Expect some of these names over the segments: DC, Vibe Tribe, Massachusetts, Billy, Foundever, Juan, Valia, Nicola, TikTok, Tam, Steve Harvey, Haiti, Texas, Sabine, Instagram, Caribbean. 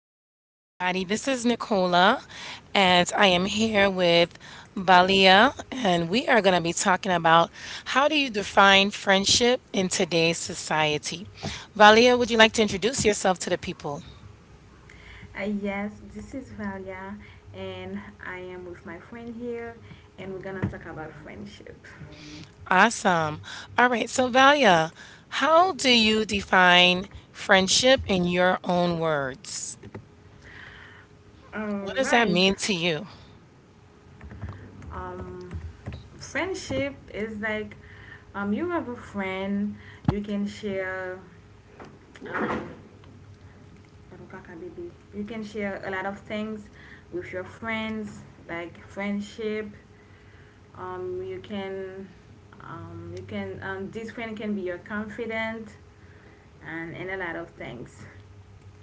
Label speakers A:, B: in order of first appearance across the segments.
A: right, everybody. This is Nicola, and I am here with Valia, and we are going to be talking about how do you define friendship in today's society. Valia, would you like to introduce yourself to the people?
B: Yes, this is Valia, and I am with my friend here, and we're gonna talk about friendship.
A: Awesome. All right, so Valia, how do you define friendship in your own words?
B: All
A: What does that
B: right,
A: mean to you?
B: um, friendship is like you have a friend, you can share um, ano ka, Kabibi? You can share a lot of things with your friends, like friendship, you can this friend can be your confidant and a lot of things.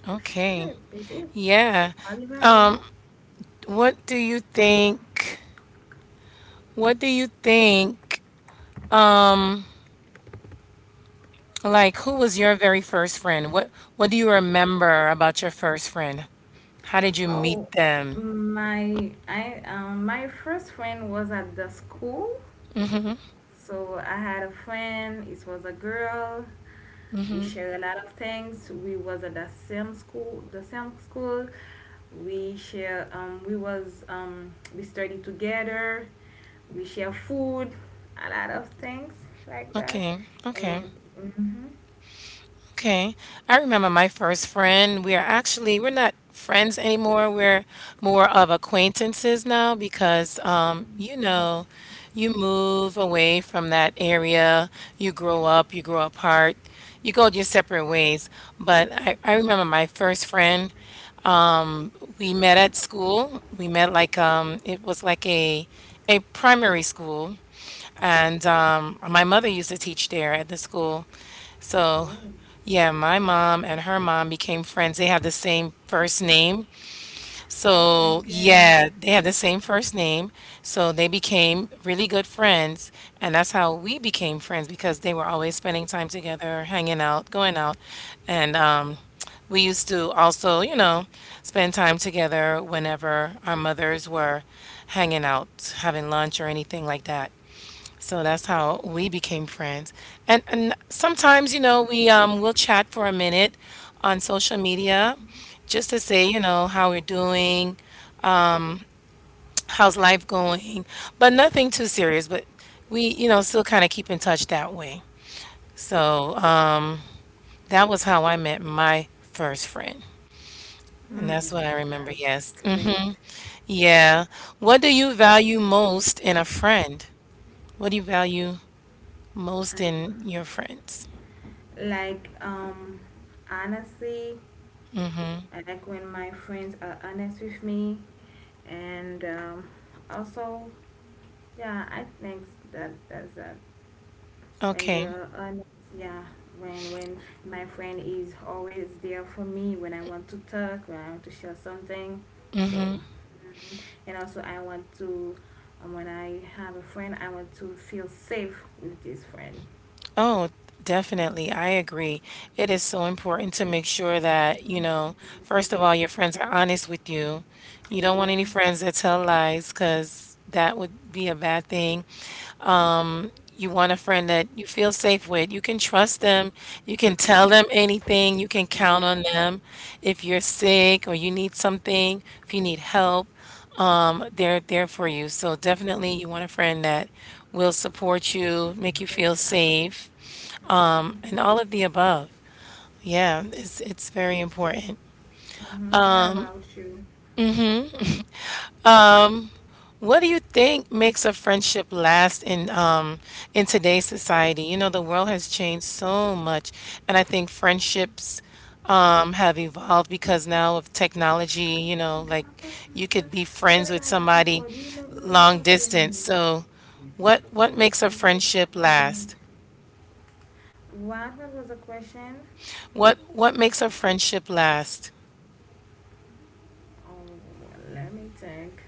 A: Okay.
B: Shit baby.
A: Yeah.
B: Bali, Bali,
A: Um,
B: no?
A: what do you think? What do you think Like, who was your very first friend? What do you remember about your first friend? How did you meet
B: Oh
A: them?
B: my, I my first friend was at the school.
A: Hmm.
B: So I had a friend, it was a girl. We
A: Hmm.
B: share a lot of things, we was at the same school. We share we studied together, we share food, a lot of things like that.
A: Okay, okay,
B: And hmm.
A: okay. I remember my first friend. We are Actually, we're not friends anymore. We're more of acquaintances now because, you move away from that area. You grow up. You grow apart. You go your separate ways. But I remember my first friend. We met at school. We met like it was like a primary school, and my mother used to teach there at the school. So
B: Oh.
A: yeah, my mom and her mom became friends. They had the same first name,
B: Oh, I
A: so,
B: get it.
A: yeah, they had the same first name. So they became really good friends. And that's how we became friends because they were always spending time together, hanging out, going out. And we used to also, spend time together whenever our mothers were hanging out, having lunch or anything like that. So that's how we became friends. And sometimes, we will chat for a minute on social media just to say, how we're doing, how's life going? But nothing too serious, but we, still kind of keep in touch that way. So that was how I met my first friend. And
B: Mm,
A: that's what I remember.
B: that's
A: Yes. Mm.
B: great.
A: Yeah. What do you value most in a friend? What do you value most
B: And
A: in your friends?
B: like honestly, I like when my friends are honest with me, and also. Yeah, I think that's when they
A: Okay.
B: are honest. Yeah, when my friend is always there for me, when I want to talk, when I want to share something. So,
A: Mm-hmm.
B: mm, and also I want to, when I have a friend, I want to feel safe with this friend.
A: Oh, definitely. I agree. It is so important to make sure that, first of all, your friends are honest with you. You don't want any
B: Yes.
A: friends that tell lies because that would be a bad thing. Um, you want a friend that you feel safe with. You can trust them. You can tell
B: Mm-hmm.
A: them anything. You can count
B: Yeah,
A: on them. If you're sick or you need something, if you need help, they're there for you. So definitely you want a friend that will support you, make you feel
B: exactly.
A: safe
B: Mm-hmm.
A: and all of the above. Yeah, it's very important.
B: Mm-hmm. And about you?
A: What do you think makes a friendship last in today's society? You know, the world has changed so much, and I think friendships have evolved because now of technology, like you could be
B: Se
A: friends
B: le
A: with
B: bay la pou
A: somebody
B: kod, ou nou li
A: long
B: konte men.
A: distance. So what makes a friendship last?
B: What was the question?
A: What makes a friendship last?
B: Oh, let me think.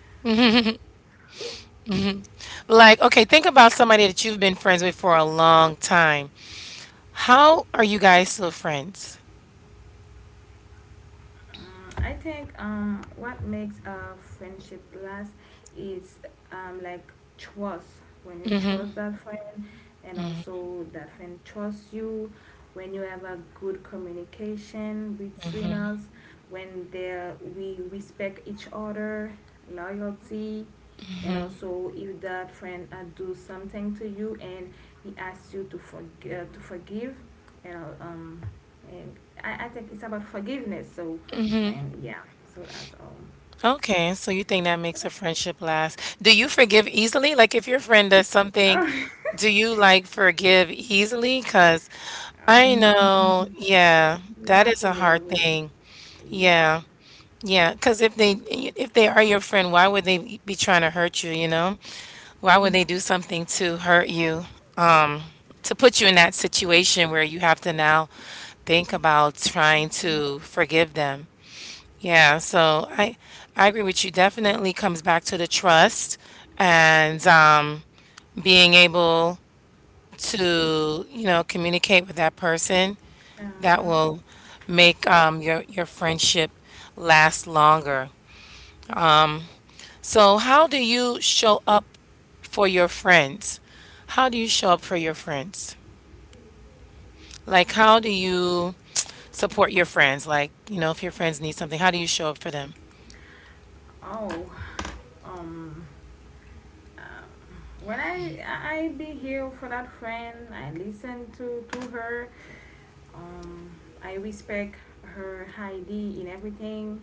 A: Like, okay, think about somebody that you've been friends with for a long time. How are you guys still friends?
B: Mm, I think what makes a friendship last is like trust. When you
A: Mm-hmm.
B: trust that friend, and also that friend trusts you. When you have a good communication between us, when there we respect each other, loyalty, and also if that friend do something to you, and he asks you to to forgive, you know, and I think it's about forgiveness. So when yeah, so that's all.
A: Okay, so you think that makes a friendship last? Do you forgive easily? Like if your friend does something,
B: Oh.
A: do you like forgive easily? Because I know,
B: Um,
A: yeah, that
B: not
A: is a hard
B: really.
A: thing.
B: Yeah.
A: Yeah. Yeah, because if they are your friend, why would they be trying to hurt you, you know? Why would they
B: Mm.
A: do something to hurt you, to put you in that situation where you have to now think about trying to forgive them? Yeah, so I agree with you. Definitely comes back to the trust and being able to, communicate with that person that
B: Uh-huh.
A: will make your friendship last longer. So how do you show up for your friends? How do you show up for your friends? Like how do you support your friends? Like, if your friends need something, how do you show up for them?
B: Oh. Um. Uh, when I be here for that friend, I listen to her. Um. I respect her ID in everything.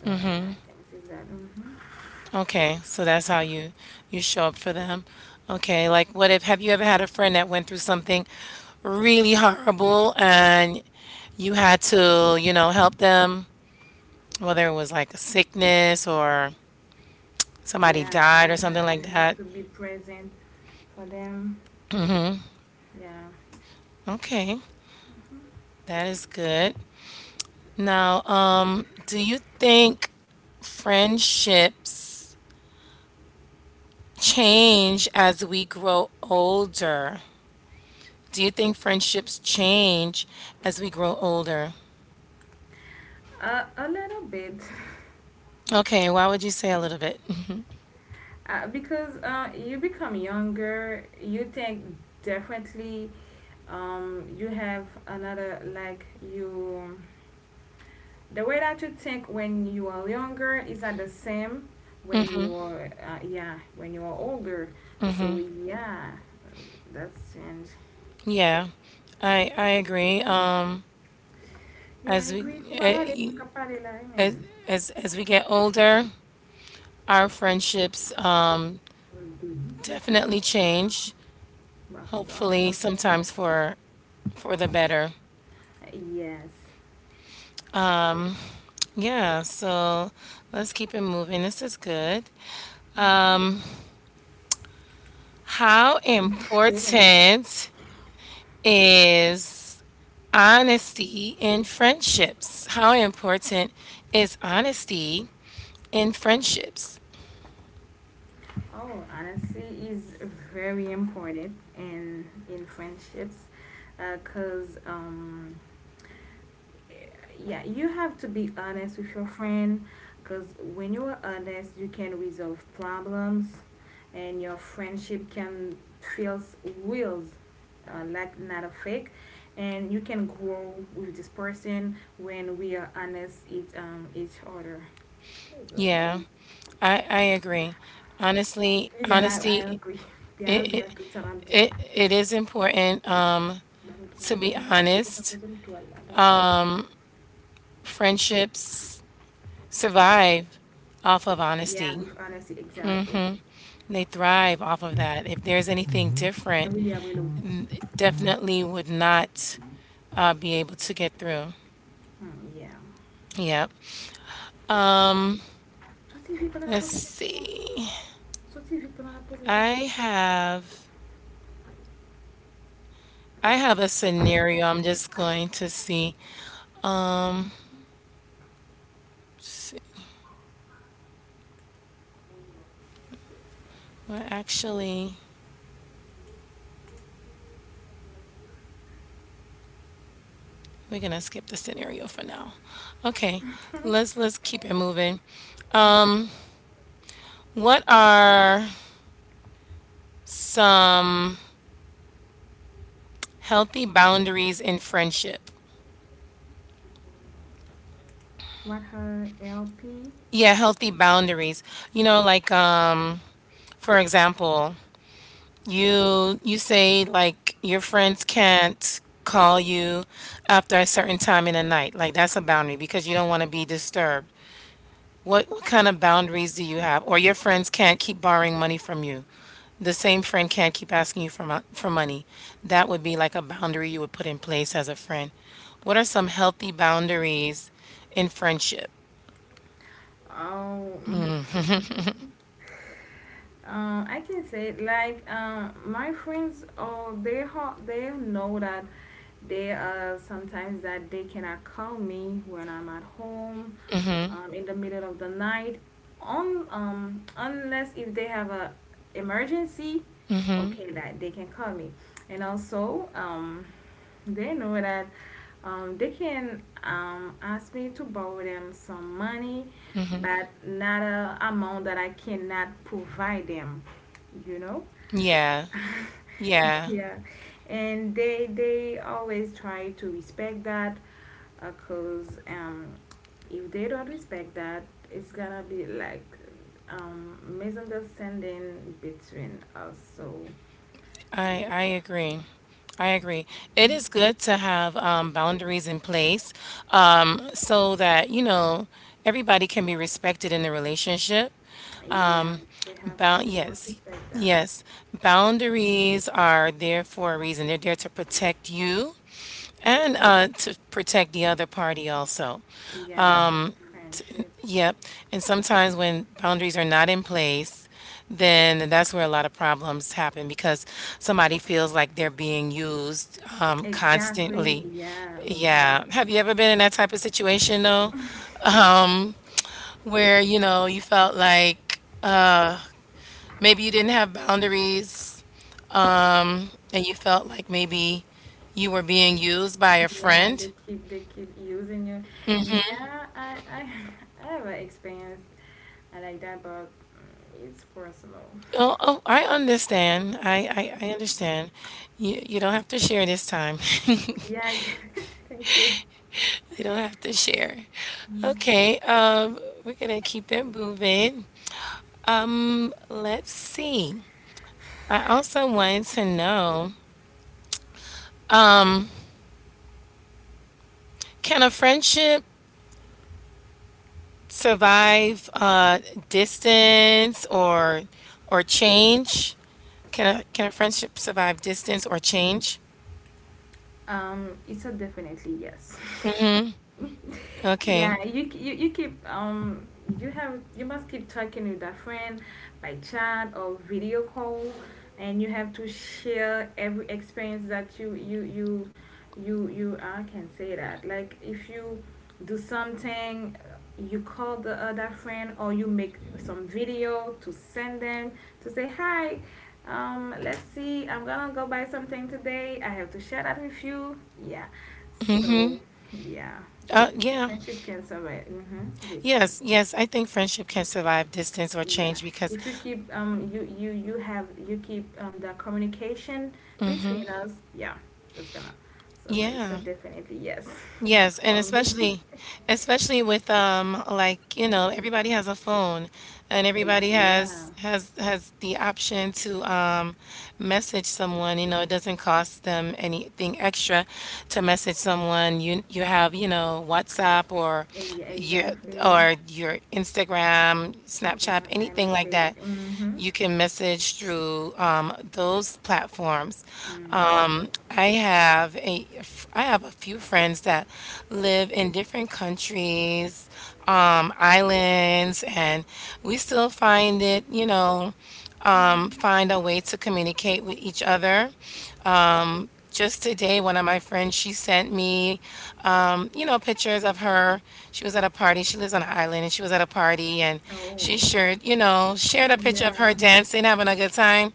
B: So I think it's that. Hmm.
A: Okay, so that's how you show up for them. Okay, like what if have you ever had a friend that went through something really horrible and you had to, help them, whether it was like a sickness or somebody
B: Yeah.
A: died or something
B: I
A: like
B: have
A: that?
B: to be present for them. Yeah,
A: Okay, that is good. Now, do you think friendships change as we grow older? Do you think friendships change as we grow older?
B: a little bit.
A: Okay, why would you say a little bit?
B: Because you become younger, you think differently. You have another, like, you. The way that you think when you are younger is not the same when you are, when you are older. So, yeah, uh, that's change.
A: Yeah, I agree.
B: You
A: As we
B: agree ko ba wale kang
A: eh,
B: kapare la.
A: as as we get older, our friendships definitely
B: Ah,
A: change.
B: ba fin do amen sa
A: Hopefully,
B: mo.
A: sometimes for the better.
B: Yes,
A: Yeah, so let's keep it moving. This is good. How
B: sure man.
A: important is honesty in friendships? How important is honesty in friendships?
B: Oh, honesty is very important in friendships, because yeah, you have to be honest with your friend. Because when you are honest, you can resolve problems, and your friendship can feel real, like not a fake. And you can grow with this person when we are honest each other.
A: Yeah.
B: Exactly.
A: I agree. Honestly,
B: Yeah, I
A: honesty
B: agree. Yeah, I
A: it
B: agree. I
A: it
B: took time.
A: it is important to be honest. Friendships survive off of
B: Yeah,
A: honesty.
B: with honesty, exactly.
A: They thrive off of that. If there's anything
B: And
A: different,
B: we are going to, hmm,
A: definitely would not be able to get through.
B: yeah.
A: Yep. Let's see. I have I have a scenario. I'm just going to see. Well, actually. We're gonna skip the scenario for now. Okay, let's keep
B: Okay.
A: it moving. Um, what are some healthy boundaries in friendship?
B: What her LP?
A: Yeah, healthy boundaries. You know, like for example, you say like your friends can't call you after a certain time in the night. Like that's a boundary because you don't want to be disturbed. What kind of boundaries do you have? Or your friends can't keep borrowing money from you. The same friend can't keep asking you for money. That would be like a boundary you would put in place as a friend. What are some healthy boundaries in friendship?
B: Oh, mm, I can say it like my friends. Oh, they ha. They know that they sometimes that they cannot call me when I'm at home, in the middle of the night, on unless if they have a emergency, okay, that they can call me. And also they know that they can ask me to borrow them some money, but not a amount that I cannot provide them, you know.
A: Yeah, yeah,
B: Yeah, and they always try to respect that, because if they don't respect that, it's gonna be like misunderstanding between us. So
A: I,
B: yeah,
A: I agree. I agree. It is good to have boundaries in place so that, everybody can be respected in the relationship.
B: yeah, they have to. They must
A: Yes,
B: respect that.
A: yes. Boundaries are there for a reason. They're there to protect you and to protect the other party also.
B: Yeah, the friendship.
A: Yep. And sometimes when boundaries are not in place, then that's where a lot of problems happen because somebody feels like they're being used
B: Exactly.
A: constantly.
B: Yeah. Hmm.
A: Yeah. Have you ever been in that type of situation though, um, where you know you felt like maybe you didn't have boundaries? And you felt like maybe you were being used by a
B: Yeah,
A: friend.
B: they keep using you. Yeah, I I have an experience like that, but mm, it's personal.
A: Oh, oh, I understand. I understand. You don't have to share this time.
B: Yeah. I get- Thank you.
A: You don't have to share. Okay, we're gonna keep it moving. Let's see. I also wanted to know, can a friendship survive distance or change? Can a friendship survive distance or change?
B: It's a definitely yes.
A: Hmm. Okay.
B: Yeah, you keep you have you must keep talking with a friend by chat or video call, and you have to share every experience that you I can say that, like, if you do something, you call the other friend, or you make some video to send them to say hi. Um, let's see. I'm gonna go buy something today. I have to share that with you. Yeah.
A: Mm-hmm.
B: So, yeah,
A: Yeah.
B: friendship can survive mm-hmm distance.
A: Yes. Yes. I think friendship can survive distance or
B: Yeah,
A: change because,
B: if you keep the communication between us. Yeah, that's gonna survive. So
A: yeah.
B: definitely yes,
A: Yes. And
B: for me.
A: especially with, like, everybody has a phone, and everybody
B: Ex- yeah.
A: has the option to, message someone. It doesn't cost them anything extra to message someone. You have, WhatsApp or
B: Eh, yeah.
A: your,
B: Exactly.
A: your Instagram,
B: Yeah.
A: Snapchat,
B: I
A: anything like
B: message.
A: that.
B: Mm-hmm.
A: You can message through those platforms.
B: Mm-hmm.
A: I I have a few friends that live in different countries, islands, and we still find it, you know,
B: Mm-hmm.
A: find a way to communicate with each other. Just today, one of my friends, she sent me, pictures of her. She was at a party. She lives on an island, and she was at a party, and
B: Oh.
A: she shared a picture of her
B: Yeah.
A: dancing, having a good time.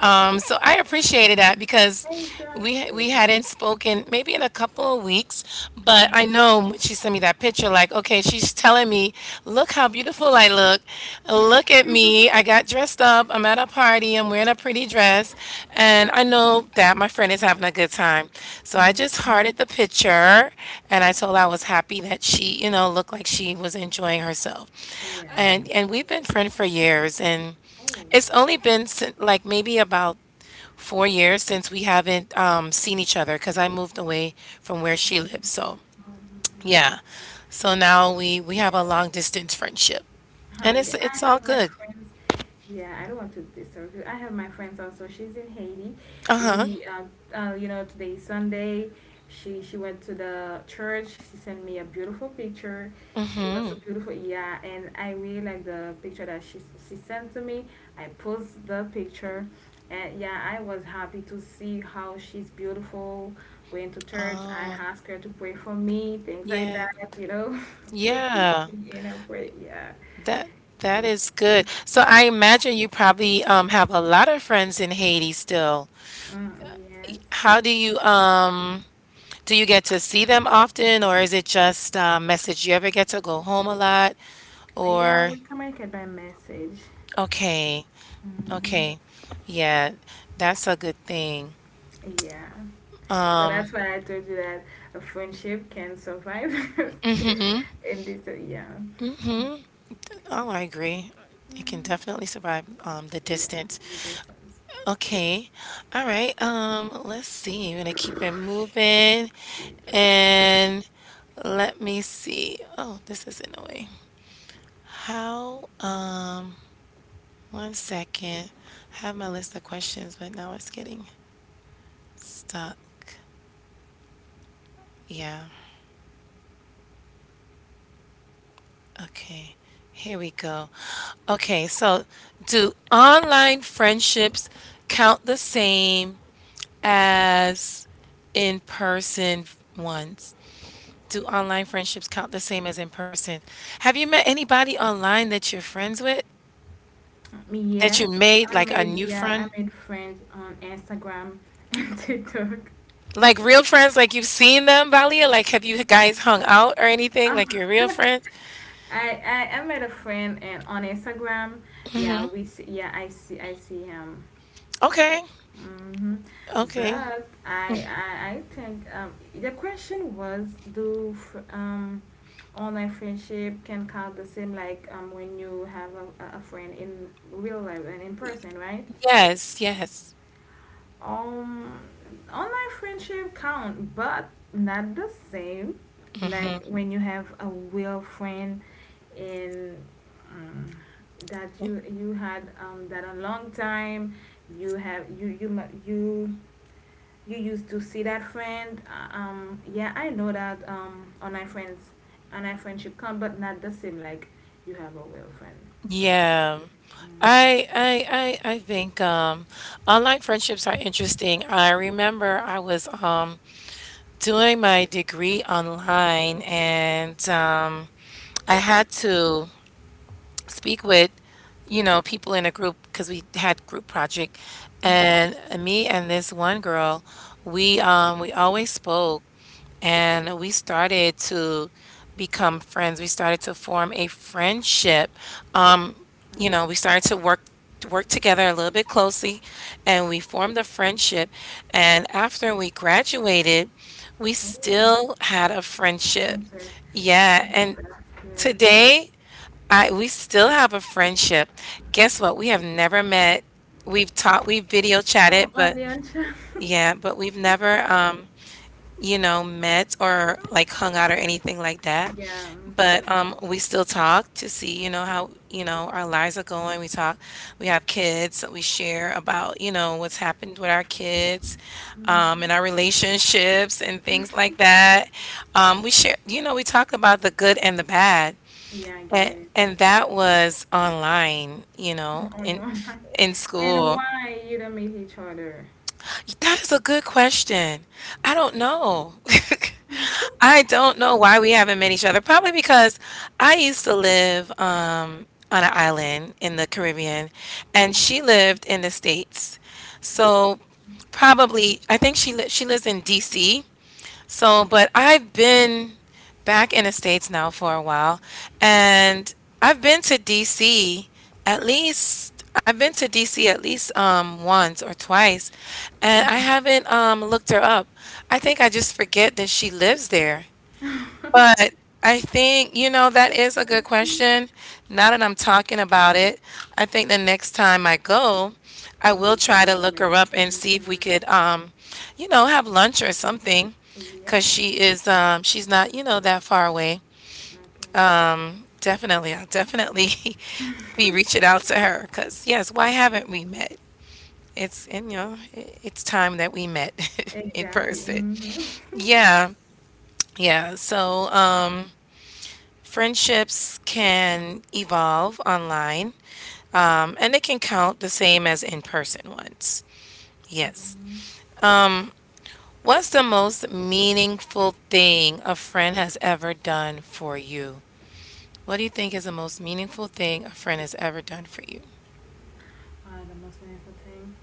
A: So I appreciated that because we
B: Exactly.
A: we hadn't spoken maybe in a couple of weeks, but I know when she sent me that picture like, okay, she's telling me, look how beautiful I look. Look at me. I got dressed up. I'm at a party. I'm wearing a pretty dress. And I know that my friend is having a good time. So I just
B: Mhm.
A: hearted the picture and I told her I was happy that she, looked like she was enjoying herself.
B: Yeah.
A: And we've been friends for years, and it's
B: Oh.
A: only been like maybe about 4 years since we haven't seen each other because I moved away from where she lives. So yeah. So now we
B: Yeah.
A: have a long distance friendship, and it's
B: Like I
A: it's all
B: have my
A: good.
B: friends. Yeah, I don't want to disturb you. I have my friends also. She's in Haiti.
A: Uh-huh.
B: We, you know, today is Sunday. She went to the church. She sent me a beautiful picture. She was so beautiful. Yeah, and I really like the picture that she sent to me. I post the picture, and yeah, I was happy to see how she's beautiful. Went to church. I
A: Oh,
B: asked her to pray for me, things like
A: yeah.
B: that. You know, to keep
A: Yeah.
B: me in her prayer. Yeah.
A: That that is good. So I imagine you probably have a lot of friends in Haiti still.
B: Mm, yes.
A: How do you get to see them often, or is it just message? You ever get to go home a lot,
B: Yeah,
A: or
B: we communicate by message.
A: okay,
B: Hmm.
A: okay, yeah, that's a good thing.
B: Yeah. So that's why I told you that a friendship can survive
A: Mm-hmm.
B: in this. Yeah.
A: Mm-hmm. Oh, I agree. It can definitely survive the
B: Yeah.
A: distance.
B: With that sense.
A: Okay. All right. Let's see. We're gonna keep it moving.
B: Jesus Christ.
A: And let me see. Oh, this is in a way. How, um, one second. I have my list of questions, but now it's getting stuck. Yeah. Okay. Here we go. Okay, so do online friendships count the same as in-person ones? Do online friendships count the same as in person? Have you met anybody online that you're friends with? That you
B: Yes,
A: made
B: I
A: like a
B: made
A: new
B: yeah, I
A: friend?
B: made friends on Instagram and TikTok.
A: Like real friends, like you've seen them, Valia? Like have you guys hung out or anything?
B: Uh,
A: Like you're real friends?
B: I met a friend and on Instagram. Yeah, we see, yeah I see him.
A: Okay.
B: Hmm.
A: Okay.
B: But I think the question was do online friendship can count the same like when you have a friend in real life and in person, right?
A: Yes, yes.
B: Um, online friendship count, but not the same, like
A: Hmm.
B: when you have a real friend in um, that you had that a long time, you have you you ma- you used to see that friend. Yeah, I know that online friends, online friendship come, but not the same. Like you have a real friend.
A: Yeah.
B: Mm.
A: I think online friendships are interesting. I remember I was doing my degree online, and I had to speak with, you know, people in a group because we had group project,
B: Mhm.
A: and me and this one girl, we always spoke, and we started to become friends. We started to form a friendship, you know, we started to work together a little bit closely, and we formed a friendship. And after we graduated, we
B: Oh,
A: still had a
B: I'm
A: friendship.
B: sorry. Oh,
A: Yeah, and
B: that's great.
A: today I we still have a friendship. Guess what? We have never met. We've video
B: Oh,
A: chatted, but
B: onion chip.
A: yeah, but we've never you know, met or like hung out or anything like that.
B: Yeah. Mm-hmm.
A: But we still talk to see, you know, how, you know, our lives are going. We talk, we have kids, so we share about, you know, what's happened with our kids,
B: Mm-hmm.
A: and our relationships and things like that. We share, you know, we talk about the good and the bad.
B: Yeah, I get
A: And
B: it.
A: and that was online, you know,
B: On your mind.
A: in
B: And
A: school.
B: why you don't meet each other?
A: That is a good question. I don't know. I don't know why we haven't met each other. Probably because I used to live on an island in the Caribbean, and she lived in the States. So probably, I think she lives in DC. So, but I've been back in the States now for a while, and I've been to DC at least I've been to DC at least once or twice, and I haven't looked her up. I think I just forget that she lives there.
B: Mm, okay.
A: But I think, you know, that is a good question. Now that I'm talking about it, I think the next time I go, I will
B: You
A: try
B: gotta
A: to look
B: admit.
A: her up and see if we
B: Mhm.
A: could, you know, have lunch or something, because
B: Yeah.
A: she is, she's not, you know, that far away.
B: Okay.
A: Definitely, I'll definitely be reaching out to her, because yes, why haven't we met? It's, and, you know, it's time that we met in
B: Exactly.
A: person.
B: Mm-hmm. Mm-hmm.
A: Yeah, yeah. So, friendships can evolve online, and they can count the same as in person ones. Yes. What's the most meaningful thing a friend has ever done for you? What do you think is the most meaningful thing a friend has ever done for you?
B: The most meaningful thing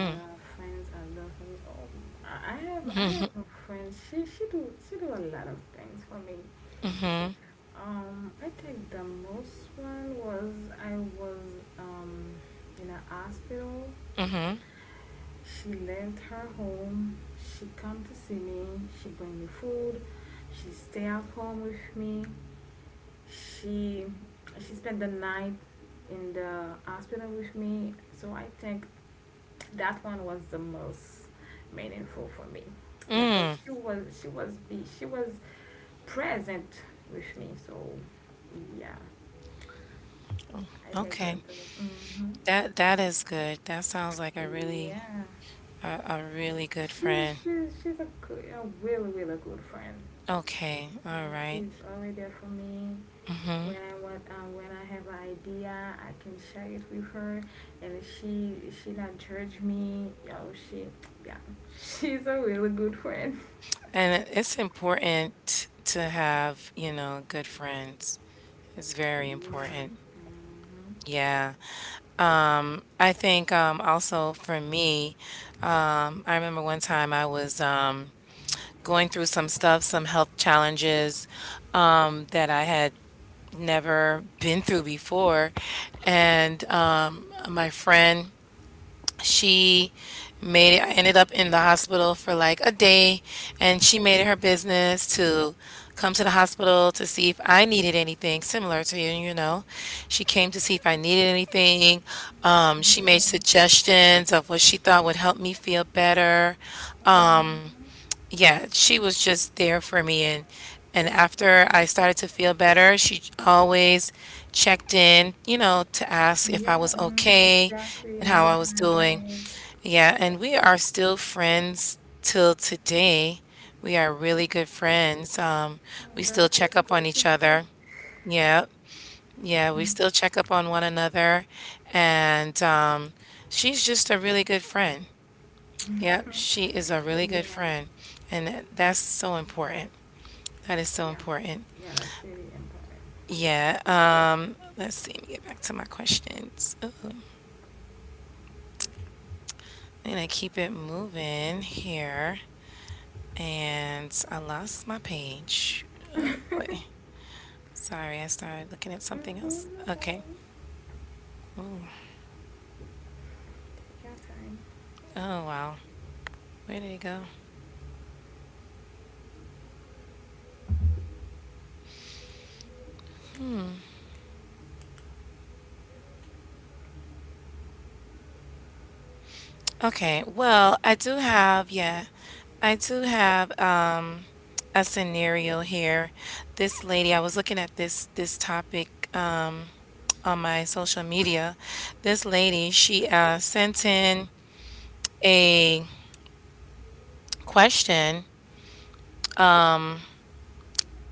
B: that our friends are doing for me. Oh, I I have a friend. She she do a lot of things for me. I think the most one was I was in a hospital.
A: Mm-hmm.
B: She left her home. She come to see me. She bring me food. She stay at home with me. she she spent the night in the hospital with me. So I think that one was the most meaningful for me. Yeah,
A: Mm.
B: because she was present with me. So yeah, I think
A: Okay.
B: that was hmm
A: That that is good. That sounds like
B: yeah.
A: a, a really good friend.
B: She's a good, a really good friend.
A: Okay. All right.
B: She's always there for me. When
A: Mm-hmm.
B: I want, when I have an idea, I can share it with her, and she not judge me. Yo, she, yeah, she's a really good friend.
A: And it's important to have, you know, good friends. It's very important. Yeah. I think also for me, I remember one time I was going through some stuff, some health challenges that I had never been through before, and my friend she made it, I ended up in the hospital for like a day, and she made it her business to come to the hospital to see if I needed anything, similar to you, you know. She came to see if I needed anything. She
B: Yeah.
A: made
B: Yeah.
A: suggestions of what she thought would help me feel better. Um,
B: Um,
A: yeah, she was just there for me, and after I started to feel better, she always checked in, you know, to ask if I
B: yeah.
A: was okay
B: Exactly.
A: and how I
B: Yeah,
A: was
B: I get
A: doing.
B: it.
A: Yeah, and we are still friends till today. We are really good friends.
B: Oh,
A: We
B: that's
A: still check
B: really
A: up on
B: great to
A: each
B: hear.
A: other. Yeah, yeah, we still check up on one another. And she's just a really good friend. Yeah, she is a really good
B: Yeah.
A: friend. That's so important. That is so
B: Yeah.
A: important.
B: Yeah, that's really important.
A: Yeah, let's see, let me get back to my questions. Ooh, and I keep it moving here. And I lost my page. Oh, wait.
B: Mm-hmm,
A: Sorry, I started looking at something
B: no.
A: else. Okay.
B: Your time.
A: Oh, wow. Where did it go? Okay. Well, I do have, yeah, I do have a scenario here. I was looking at this topic um on my social media. This lady, she sent in a question,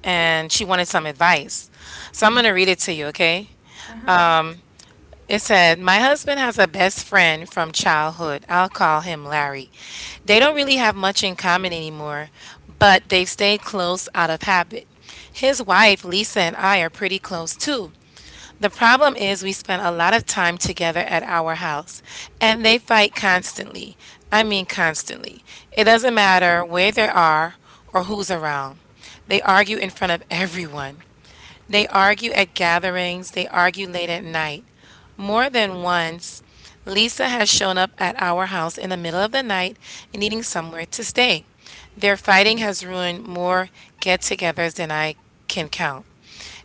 A: and she wanted some advice. So I'm going
B: Mm.
A: to read it to you, okay?
B: Uh-huh, uh-huh.
A: It said, "My husband has a best friend from childhood. I'll call him Larry. They don't really have much in common anymore, but they've stayed close out of habit. His wife, Lisa, and I are pretty close too. The problem is, we spend a lot of time together at our house, and they fight constantly. I mean, constantly. It doesn't matter where they are or who's around. They argue in front of everyone. They argue at gatherings, they argue late at night. More than once, Lisa has shown up at our house in the middle of the night and needing somewhere to stay. Their fighting has ruined more get togethers than I can count.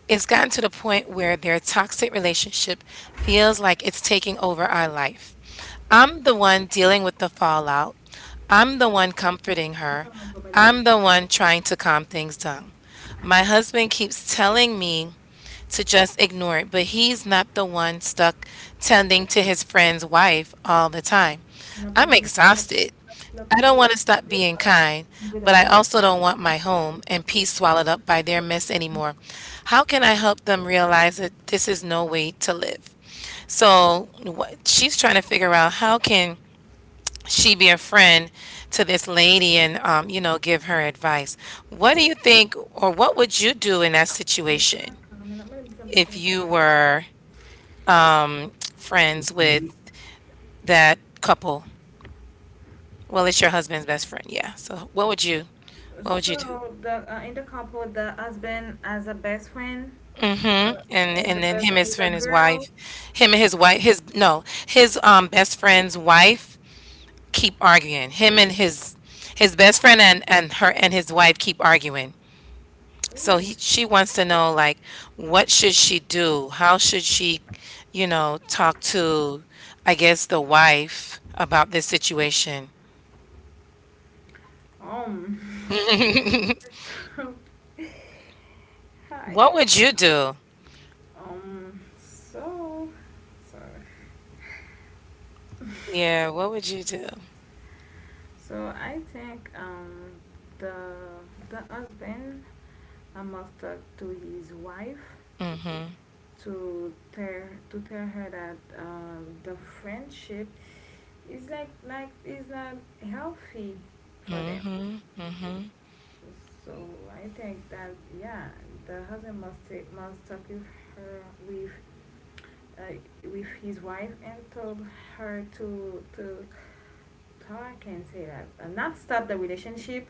A: It's gotten to the point where their toxic relationship feels like it's taking over our life. I'm the one dealing with the fallout. I'm the one comforting
B: Ito
A: her.
B: ang problema.
A: I'm the one trying to calm things down. My husband keeps telling me to just ignore it, but he's not the one stuck tending to his friend's wife all the time. I'm
B: Αναπάντων
A: exhausted.
B: απλά
A: I don't
B: πάρει
A: want to
B: σε
A: stop being
B: τρέπα
A: kind, but I
B: κουβεντάτα.
A: also don't want my home and peace swallowed up by their mess anymore. How can I help them realize that this is no way to live?" So what she's trying to figure out, how can she be a friend to this lady and you know, give her advice. What do you think, or what would you do in that situation if you were friends with that couple? Well, it's your husband's best friend, yeah. So what would you do?
B: So the in the couple, the husband has a best friend.
A: Mhm,
B: Uh, and the
A: and then
B: best
A: him,
B: friend
A: his
B: is a
A: friend, his
B: girl.
A: wife, him and his wife, his no, his best friend's wife keep arguing. Him and his best friend and her and his wife keep arguing. So
B: Ooh.
A: he she wants to know like what should she do? How should she, you know, talk to I guess the wife about this situation?
B: Um, so I
A: What
B: get
A: would you do?
B: so sorry.
A: Yeah, what would you do?
B: So I think the husband must talk to his wife,
A: Mhm.
B: to tell to tell her that the friendship is is not healthy for them.
A: Mhm. Mhm.
B: So I think that yeah, the husband must talk with her uh, with his wife, and told her to, how I can say that, not stop the relationship,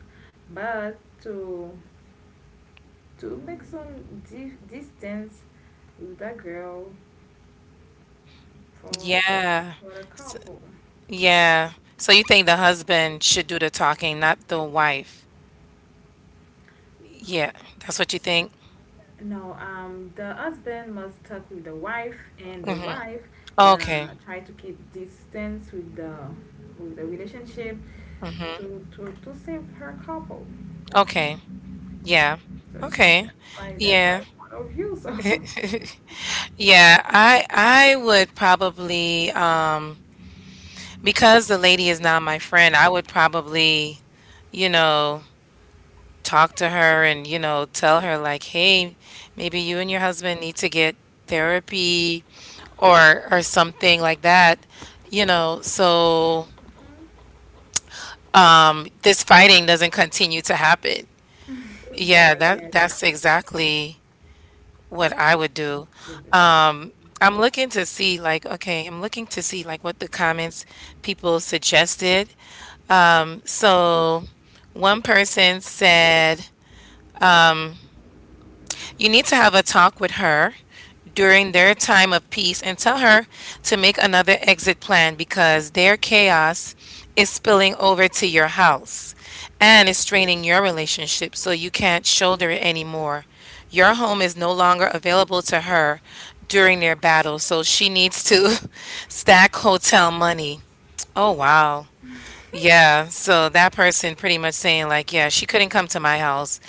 B: but to to make some distance with the girl for
A: Yeah.
B: the couple.
A: Yeah. So you think the husband should do the talking, not the wife? Yeah, that's what you think?
B: No, the husband must talk with the wife, and the
A: Mm-hmm.
B: wife
A: Okay.
B: gonna try to keep distance with the relationship
A: Mm-hmm.
B: to save her couple.
A: Okay. Yeah.
B: So
A: Okay.
B: that's my
A: Yeah.
B: point of view. So
A: Yeah, I would probably because the lady is now my friend, I would probably, you know, talk to her and, you know, tell her like, "Hey, maybe you and your husband need to get therapy or something like that, you know, so this fighting doesn't continue to happen." Yeah,
B: yeah, I
A: that
B: get it.
A: that's exactly what I would do.
B: Get it.
A: Um, I'm looking to see like, okay, I'm looking to see like what the comments people suggested. So one person said, "You need to have a talk with her during
B: Yeah.
A: their time of peace and tell her to make another exit plan because their chaos is spilling over to your house and is straining your relationship, so you can't shoulder it anymore. Your home is no longer available to her during their battle, so she needs to stack hotel money." Oh, wow. Yeah, so that person pretty much saying, like, yeah, she couldn't come to my house,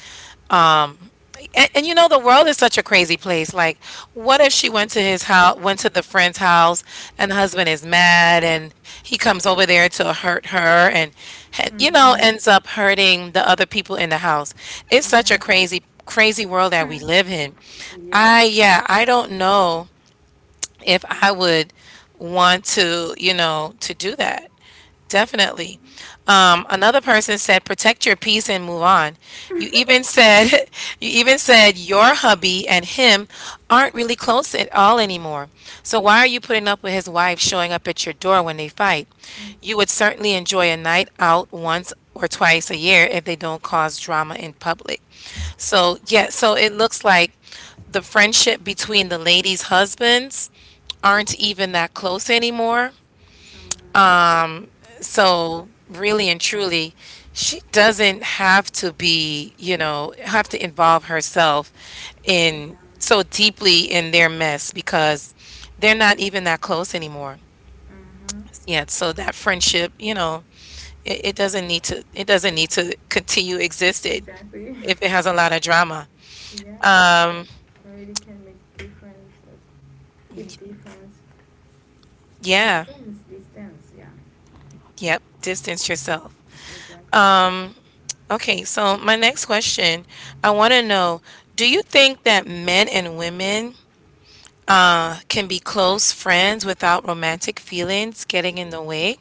A: and you know, the world is such a crazy place. Like, what if she went to his house, went to the friend's house, and the husband is mad, and he comes over there to hurt her, and
B: Yeah.
A: you know,
B: Mhm.
A: ends up hurting the other people in the house. It's such a
B: Yeah.
A: crazy, crazy world that we live in. I,
B: Yeah.
A: yeah, I don't know if I would want to, you know, to do that. Definitely. Another person said, "Protect your peace and move on. You
B: Mhm.
A: even said, you even said your hubby and him aren't really close at all anymore. So why are you putting up with his wife showing up at your door when they fight? You would certainly enjoy a night out once or twice a year if they don't cause drama in public." So, yeah, so it looks like the friendship between the ladies' husbands aren't even that close anymore, so really and truly, she doesn't have to be, you know, have to involve herself in
B: Yeah.
A: so deeply in their mess because they're not even that close anymore.
B: Mhm.
A: Yet, so that friendship, you know, it doesn't need to continue existed
B: Exactly.
A: if it has a lot of drama.
B: Yeah, it really can make difference. Like, keep difference,
A: Yeah.
B: distance. Yeah,
A: Yep. Distance yourself.
B: exactly.
A: Um, okay, so my next question, I want to know, do you think that men and women can be close friends without romantic feelings getting in the way?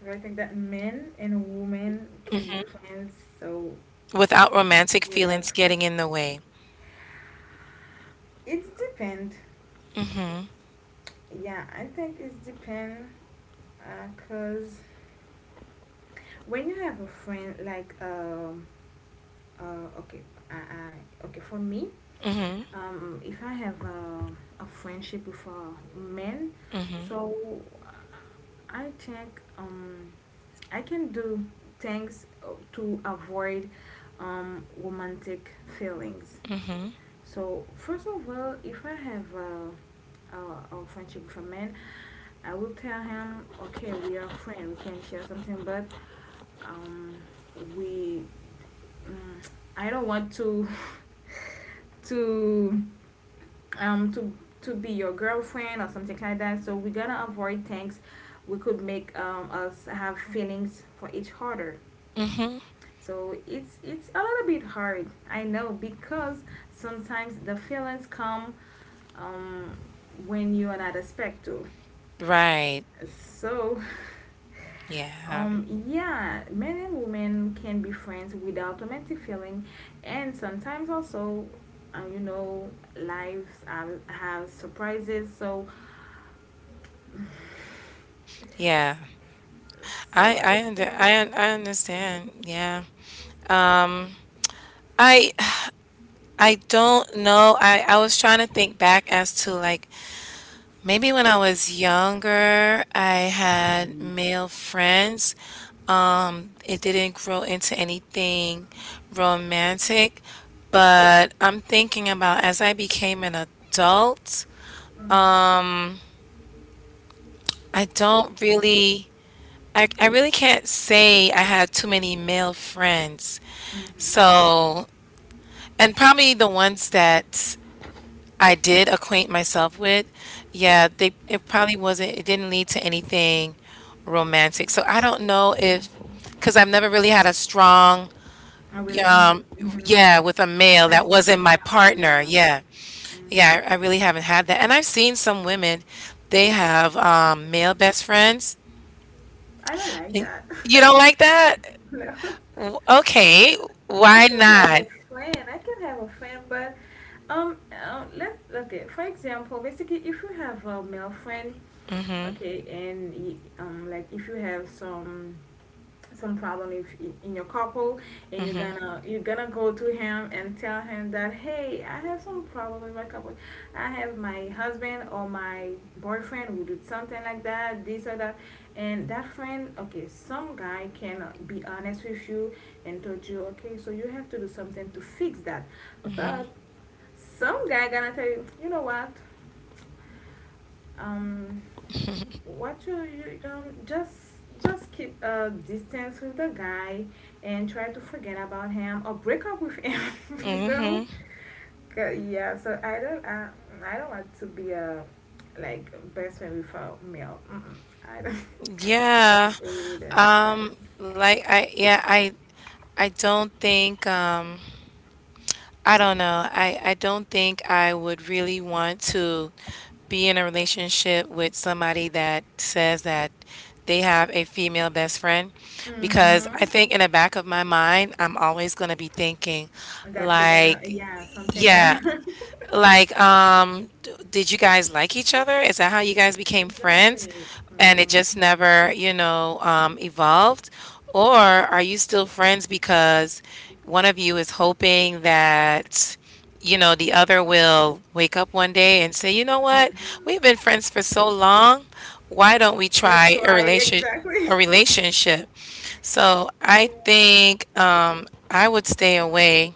B: And I think that men and women can be friends. So
A: Without romantic
B: without,
A: feelings getting in the way.
B: it's depend. Yeah, I think it's depend. Cause when you have a friend like uh, okay, okay. For me,
A: Mhm.
B: if I have a, friendship with a man,
A: Mhm.
B: so I think I can do things to avoid romantic feelings.
A: Mhm.
B: So first of all, if I have a, a friendship with a man, I will tell him, okay, we are friends, we can share something, but um, we Mm, I don't want to to um to to be your girlfriend or something like that. So we're gonna avoid things we could make us have feelings for each other.
A: Mhm.
B: So it's a little bit hard, I know, because sometimes the feelings come um, when you are not expect to.
A: Right.
B: So,
A: Yeah.
B: yeah, men and women can be friends without romantic feeling, and sometimes also, uh, you know, lives have surprises. So,
A: Yeah.
B: so
A: I
B: I
A: I under,
B: think
A: I un- I understand. Yeah. Um, I I don't know. I was trying to think back as to like maybe when I was younger, I had male friends. It didn't grow into anything romantic, but I'm thinking about as I became an adult,
B: hmm
A: I don't really, I really can't say I had too many male friends.
B: hmm.
A: So, and probably the ones that I did acquaint myself with. Yeah, they it probably wasn't it didn't lead to anything romantic. So I don't know if because I've never really had a strong
B: A relationship,
A: um, yeah, with a
B: a
A: male that
B: friendship
A: wasn't
B: become
A: my
B: value. Yeah,
A: partner. Yeah.
B: hmm
A: Yeah, I really haven't had that. And I've seen some women, they have um, male best friends.
B: I don't like
A: And
B: that.
A: you don't like that?
B: No.
A: Okay,
B: I
A: why
B: can have
A: not?
B: a friend. I can have a friend, but let okay. For example, basically, if you have a male friend,
A: Mhm.
B: okay, and like if you have some problem if in your couple and
A: Mhm.
B: you're gonna go to him and tell him that hey, I have some problem with my couple. I have my husband or my boyfriend who did something like that, this or that, and that friend, okay, some guy can be honest with you and told you, okay, so you have to do something to fix that.
A: Mhm.
B: But some guy gonna tell you, you know what, um you just keep a distance with the guy and try to forget about him or break up with him. You know.
A: Mhm.
B: Yeah, so I don't I don't want to be a like best friend with a male. Mm-mm. I don't.
A: Yeah.
B: I really don't like that.
A: Like I Yeah, I don't think um, I don't know. I don't think I would really want to be in a relationship with somebody that says that they have a female best friend because I
B: Mm-hmm.
A: think in the back of my mind, I'm always going to be thinking
B: That they're gonna,
A: like,
B: yeah, something
A: yeah,
B: gonna.
A: like, did you guys like each other? Is that how you guys became friends?
B: Exactly.
A: And it
B: Mm-hmm.
A: just never, you know, evolved? Or are you still friends because one of you is hoping that, you know, the other will wake up one day and say, you know what? We've been friends for so long. Why don't we
B: Let's
A: try
B: try, exactly.
A: a relationship? So I
B: Yeah.
A: think I would stay away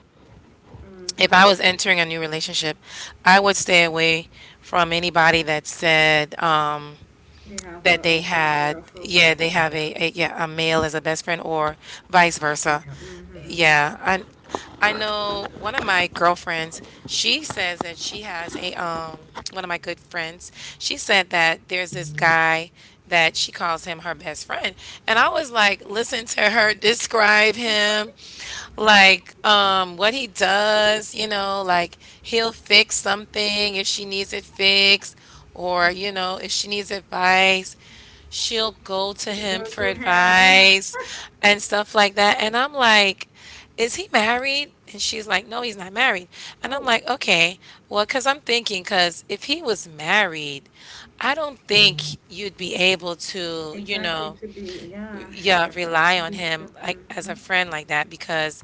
A: if
B: Mm-hmm.
A: I was entering a new relationship, I would stay away from anybody that said
B: They have
A: that they
B: a
A: had,
B: girl for
A: yeah,
B: best
A: they
B: friend,
A: have
B: yeah.
A: a yeah, a male as a best friend or vice versa.
B: Female. Mm-hmm, mm-hmm.
A: Yeah, I know
B: Spider or
A: one of
B: something.
A: my girlfriends. She says that she has a um, one of my good friends. She said that there's this guy that she calls him her best friend, and I was like, listen to her describe him, like um, what he does, you know, like he'll fix something if she needs it fixed, or you know, if she needs advice, she'll go to
B: She
A: him
B: go
A: for
B: to him and,
A: advice and stuff like that. And I'm like, is he married? And she's like, no, he's not married. And
B: oh,
A: I'm like, okay, well, cuz I'm thinking, cuz if he was married, I don't think you'd be able to, you
B: exactly,
A: know,
B: to be, yeah.
A: yeah, rely on
B: He's the,
A: him like as
B: mm-hmm,
A: a friend like that, because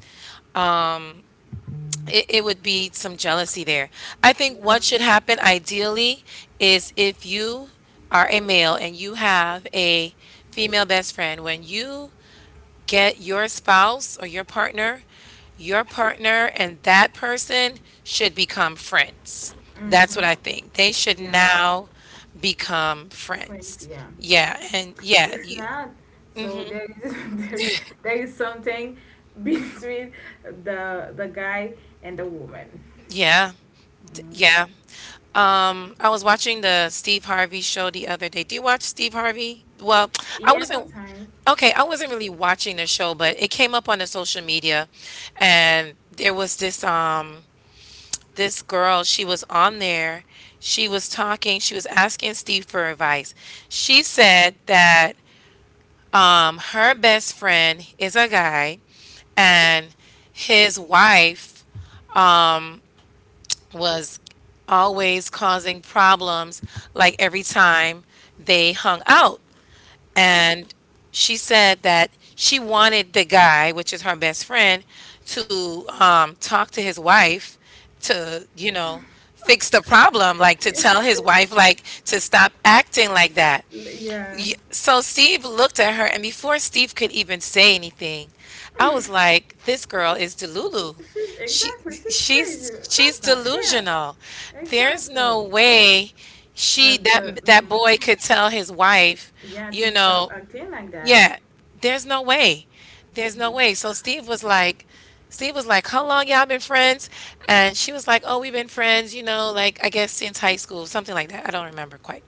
A: it would be some jealousy there. I think
B: yeah.
A: what should happen ideally is if you are a male and you have a female best friend, when you get your spouse or your partner and that person should become friends. That's what
B: Mm-hmm,
A: I think. They should
B: yeah.
A: now become
B: Friends,
A: friends.
B: yeah.
A: Yeah, and yeah,
B: If
A: you,
B: not, so there is, there is something between the guy and the woman.
A: yeah, yeah. I was watching the Steve Harvey show the other day. Do you watch Steve Harvey? Well, I
B: Yeah,
A: wasn't,
B: sometimes.
A: okay, I wasn't really watching the show, but it came up on the social media, and there was this um, this girl, she was on there. She was talking, she was asking Steve for advice. She said that um, her best friend is a guy, and his wife was always causing problems like every time they hung out.
B: Oh,
A: And she said that she wanted the guy, which is her best friend, to talk to his wife to, you know, fix the problem, like to
B: yeah.
A: tell his wife, like to stop acting like that.
B: Yeah.
A: So Steve looked at her, and before Steve could even say anything, I was like, "This girl is delulu.
B: She's,
A: She,
B: exactly. She's crazy.
A: she's
B: That's not fair.
A: delusional. There's
B: Exactly. Oh,
A: no way she
B: that the,
A: that
B: mhm.
A: boy could tell his wife,
B: Yeah, to
A: you
B: stop
A: know,
B: acting like that.
A: yeah. There's no way. There's no
B: No.
A: way." So Steve was like, "How long y'all been friends?" And she was like, "Oh, we've been friends, you know, like I guess since high school, something like that. I don't remember quite."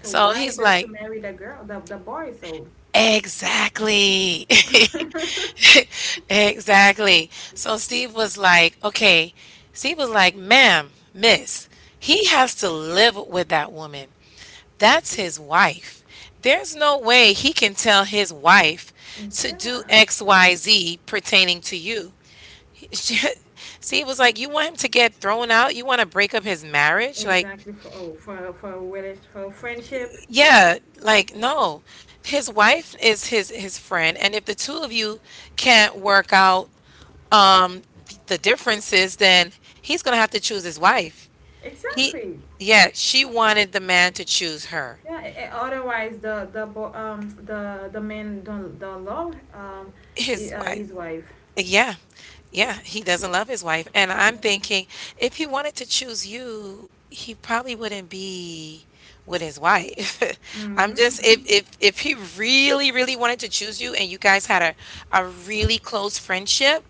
B: So
A: So
B: why
A: he's
B: don't you
A: like.
B: marry the girl, the boy? So
A: Exactly. Exactly. So Steve was like, okay, Steve was like, ma'am, miss, he has to live with that woman. That's his wife. There's no way he can tell his wife to do
B: yeah,
A: XYZ pertaining to you. Steve was like, you want him to get thrown out? You want to break up his marriage? Like,
B: exactly. For a for a friendship.
A: yeah, like, no. His wife is his friend, and if the two of you can't work out um, the differences, then he's gonna have to choose his wife. He,
B: Exactly.
A: yeah, she wanted the man to choose her,
B: Yeah. Otherwise, the the man don't love um,
A: his wife.
B: his wife.
A: Yeah. Yeah, he doesn't love his wife. And I'm
B: Exactly.
A: thinking if he wanted to choose you, he probably wouldn't be with his wife. I'm just
B: Mhm.
A: if he really, really wanted to choose you and you guys had a really close friendship,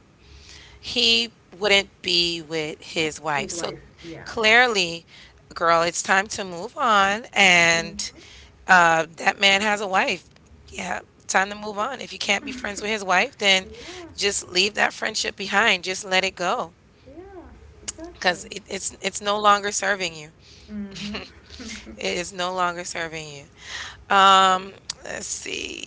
A: he wouldn't be with his wife.
B: His
A: So
B: wife. Yeah.
A: clearly, girl, it's time to move on, and
B: Mm-hmm.
A: that man has a wife. Yeah, time to move on. If you can't be friends with his wife, then
B: Yeah,
A: just leave that friendship behind. Just let it go,
B: yeah, exactly.
A: because it's no longer serving you.
B: Mm-hmm.
A: It is no longer serving you. Let's see.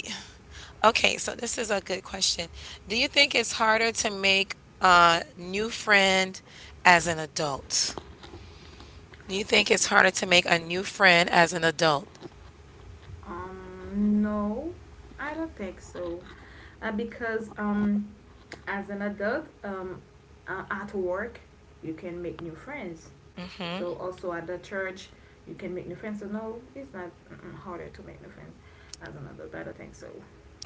A: Okay, so this is a good question. Do you think it's harder to make a new friend as an adult? Do you think it's harder to make a new friend as an adult?
B: no, I don't think so. Because as an adult, at work, you can make new friends. So also at the church, you can make new friends. So no, it's not, mm, harder to make new friends as an adult. I don't think so.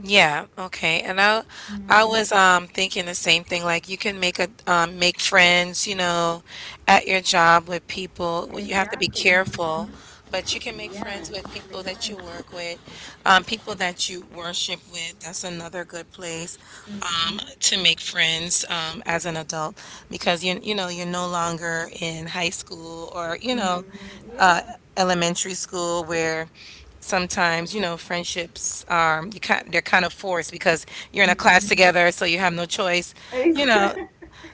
A: Yeah, okay. And I
B: Mm-hmm.
A: was um, thinking the same thing. Like you can make a make friends, you know, at your job with people. Well, you have to be
B: Exactly.
A: careful,
B: Mm-hmm.
A: but you can make friends
B: Yeah,
A: with
B: you can
A: people
B: make
A: that you
B: friends.
A: work with, um, people that you worship with. That's another good place
B: Mm-hmm.
A: um, to make friends um, as an adult, because you know, you're no longer in high school or you know,
B: Mm-hmm. Yeah.
A: elementary school, where sometimes you know friendships um, you kind they're kind of forced because you're in a class
B: Mm-hmm.
A: together, so you have no choice, you know,
B: Exa.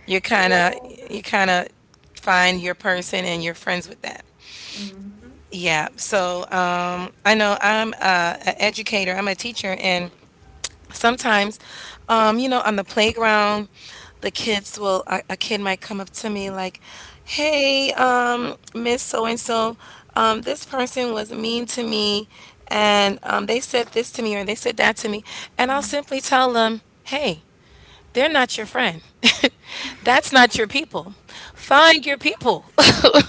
A: you kind of
B: Yeah.
A: you kind of find your person, and you're friends with that.
B: Mhm.
A: Yeah, so um, I know, I'm an educator, I'm a teacher, and sometimes, you know, on the playground, the kids will, a kid might come up to me like, "Hey, Miss So and So, this person was mean to me, and they said this to me or they said that to me," and I'll
B: Mm.
A: simply tell them, "Hey, they're not your friend. That's not your people. Find your people."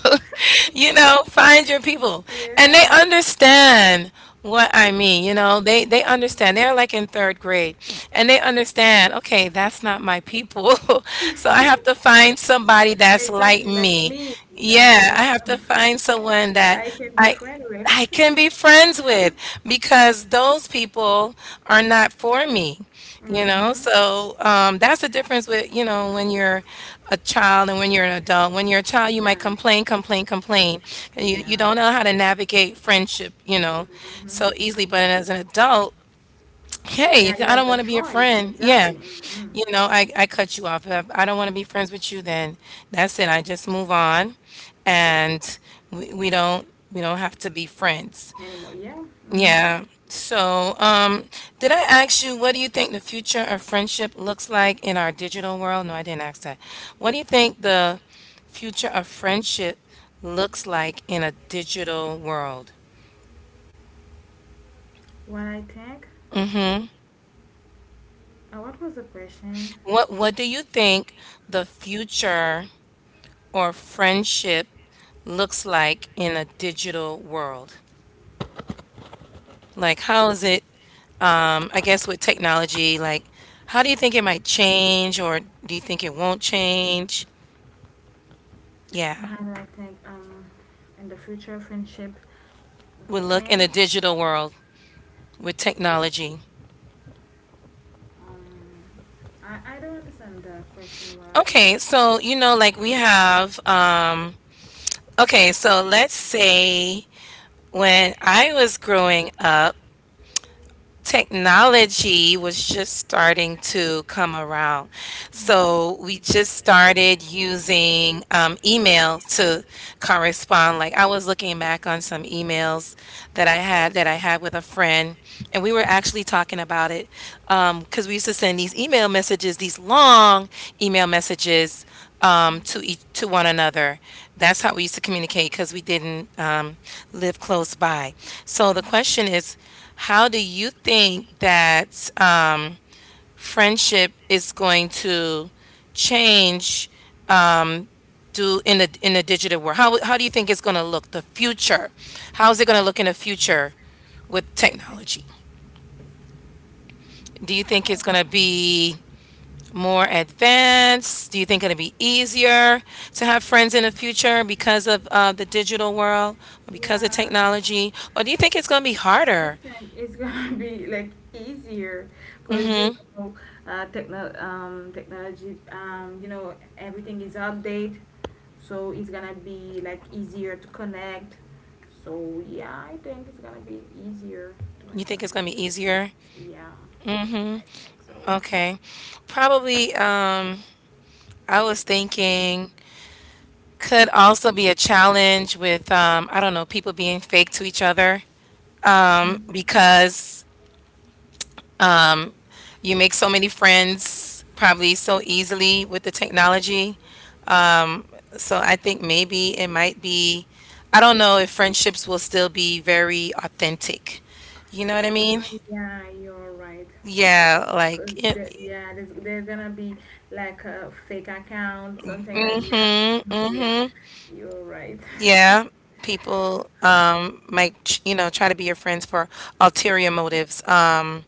A: You know, find your people. And they
B: Yeah.
A: understand what I mean, you know, they understand.
B: Mhm.
A: They're like in third grade, and they understand, okay, that's not my people. So I have to find somebody that's like
B: Exactly, like
A: me.
B: me.
A: Yeah,
B: Exactly.
A: I have to
B: So
A: find someone
B: so
A: that
B: I can be
A: I
B: friend with.
A: I can be friends with, because those people are not for me, you know?
B: Mhm.
A: So that's the difference with, you know, when you're a child and when you're an adult. When you're a child, you might
B: Yeah.
A: complain, complain, complain. And you
B: Yeah.
A: don't know how to navigate friendship, you know, so
B: Mhm.
A: easily. But as an adult, hey,
B: Yeah, you
A: I
B: have
A: don't
B: the
A: want to be a
B: choice.
A: friend. Yeah.
B: Exactly. Mhm.
A: You know, I cut you off. If I don't want to be friends with you then. That's it. I just move on, and we, we don't we don't have to be friends.
B: Anymore. Yeah. Mhm.
A: Yeah. So, did I ask you what do you think the future of friendship looks like in our digital world? No, I didn't ask that. What do you think the future of friendship looks like in a digital world?
B: What I think, what was the question?
A: What do you think the future or friendship looks like in a digital world? Like, how is it, I guess, with technology? Like, how do you think it might change, or do you think it won't change? Yeah,
B: How do I think in the future friendship
A: we look in a
B: change?
A: digital world with technology.
B: Um, I don't understand the question well.
A: Okay, so, you know, like we have, okay, so let's say when I was growing up, technology was just starting to come around. So we just started using email to correspond. Like I was looking back on some emails that I had with a friend, and we were actually talking about it because we used to send these email messages, these long email messages to each to one another. That's how we used to communicate because we didn't live close by. So the question is, how do you think that friendship is going to change? Do in the digital world? How do you think it's going to look? The future? How is it going to look in the future with technology? Do you think it's
B: Um,
A: going to be more advanced? Do you think it'll be easier to have friends in the future because of the digital world or because of
B: yeah,
A: technology? Or do you think it's going to be
B: I
A: harder?
B: think it's gonna be like easier because you know, technology, you know, everything is outdated, so it's gonna be like easier to connect. So yeah, I think it's gonna be easier to my
A: You think it's
B: friends.
A: going to be easier?
B: Yeah, I think so.
A: Okay. Probably, I was thinking could also be a challenge with, I don't know, people being fake to each other because you make so many friends probably so easily with the technology. So I think maybe it might be, I don't know if friendships will still be very authentic. You know what I mean?
B: Yeah, you're right.
A: Yeah, like it,
B: Yeah, there's gonna be like a fake account, something like, yeah, mhm, yeah.
A: mm-hmm.
B: You're right.
A: Yeah, people you know, try to be your friends for ulterior motives,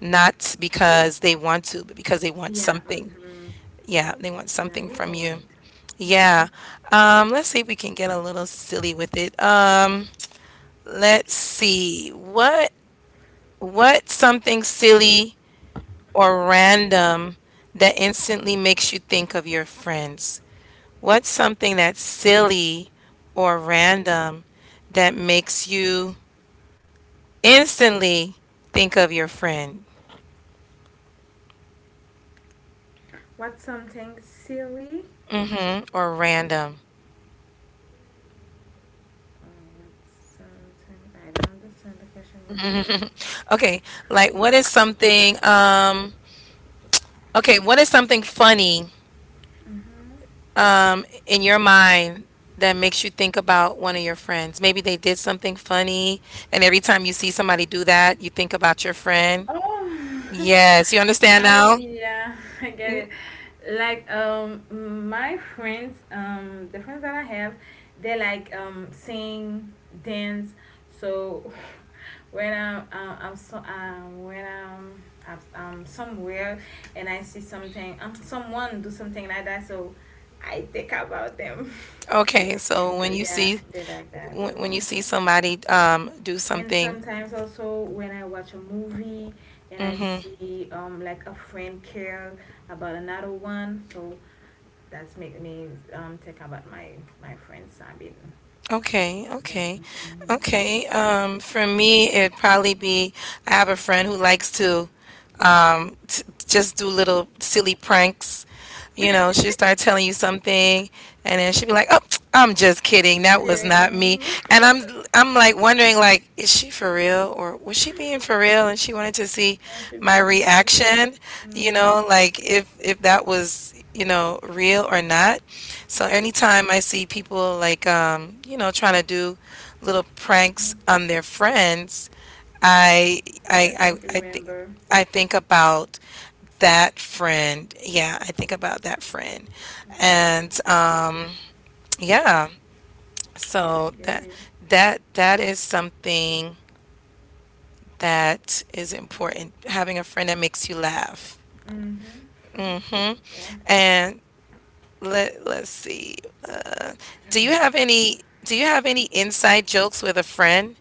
A: not because they want to, but because they want
B: Yeah,
A: something. Yeah, they want
B: yeah,
A: something
B: you're
A: from
B: all
A: you.
B: right. Mhm.
A: Yeah. Let's see if we can get a little silly with it. Let's see. What's something silly or random that instantly makes you think of your friends? What's something that's silly or random that makes you instantly think of your friend
B: What's something silly?
A: or random?
B: Oh, what's something, I don't understand the question well.
A: Okay, like what is something okay, what is something funny
B: Mm-hmm.
A: in your mind that makes you think about one of your friends? Maybe they did something funny, and every time you see somebody do that, you think about your friend.
B: Oh,
A: Yes, you understand
B: I
A: now?
B: yeah, I get
A: Mm.
B: it. Like my friends, the friends that I have, they like sing, dance. So when I'm somewhere and I see something someone do something like that, so I think about them.
A: Okay, so
B: 'Cause, yeah, they like that.
A: when you see somebody do
B: And
A: something,
B: sometimes also when I watch a movie and I
A: mhm.
B: see like a friend care about another one, so that's make me think about my friend Sabine.
A: Okay,
B: Yeah.
A: okay,
B: Mm-hmm.
A: okay. For me, it'd probably be I have a friend who likes to t just do little silly pranks. You know, she'll start telling you something, and then she'll be like, "Oh, I'm just kidding. That
B: Yeah.
A: was not me."
B: Mm-hmm.
A: And I'm like wondering, like, is she for real or was she being for real? And she wanted to see
B: I should.
A: my
B: Mm-hmm.
A: reaction. You
B: Mm-hmm.
A: know, like if that was you know real or not. So anytime I see people like you know, trying to do little pranks on their friends, I I
B: That
A: I,
B: makes you
A: I think
B: remember.
A: I think about that friend. Yeah, I think about that friend.
B: Mm,
A: And yeah,
B: yeah,
A: so
B: I get it.
A: that is something that is important. Having a friend that makes you laugh.
B: Mm-hmm.
A: Hmm?
B: Yeah.
A: And let's see. Do you have any do you have any inside jokes with a friend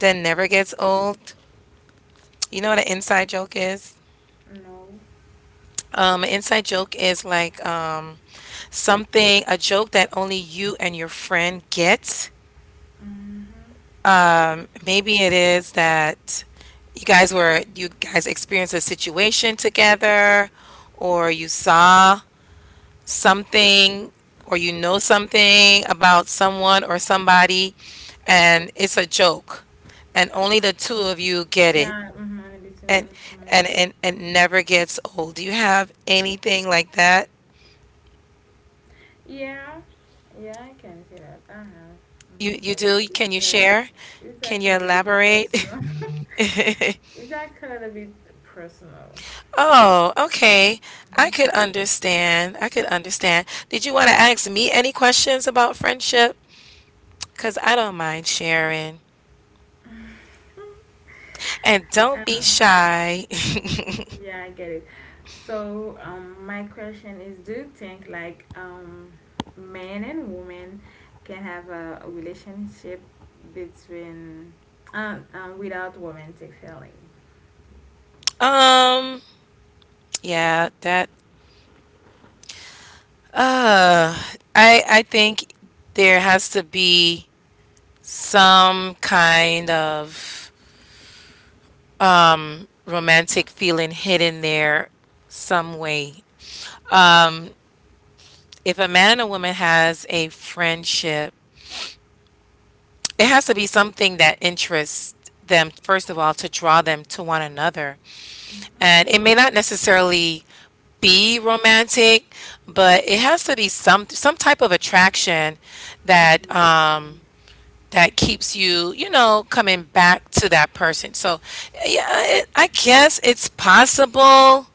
A: that never gets old? You know what an inside joke is?
B: No.
A: An inside joke is like something, a joke that only you and your friend get.
B: Mm-hmm.
A: Maybe it is that you guys experienced a situation together, or you saw something, or you know something about someone or somebody, and it's a joke, and
B: Uh,
A: only the two of you get it.
B: yeah. Mm-hmm. I understand
A: and
B: that. Mhm, I
A: and
B: get it.
A: and it never gets old. Do you have anything like that?
B: Yeah, yeah, I can see that. Uh huh.
A: You you
B: But
A: do? Can
B: it's
A: you
B: like
A: share?
B: it's
A: Can
B: like a
A: you
B: little bit
A: elaborate?
B: personal. It's like a little bit personal.
A: Oh, okay. I
B: Mm-hmm.
A: could understand. I could understand. Did you want to ask me any questions about friendship? Because I don't mind sharing. And don't be
B: Uh,
A: shy.
B: yeah, I get it. So, my question is, do you think like men and women can have a relationship between without romantic feeling?
A: Um, yeah, that uh I think there has to be some kind of romantic feeling hidden there some way. If a man and a woman has a friendship, it has to be something that interests them, first of all, to draw them to one another. And
B: Mm-hmm.
A: it may not necessarily be romantic, but it has to be some type of attraction that
B: Mm-hmm.
A: um that keeps you, you know, coming back to that person. So, yeah, I guess it's possible.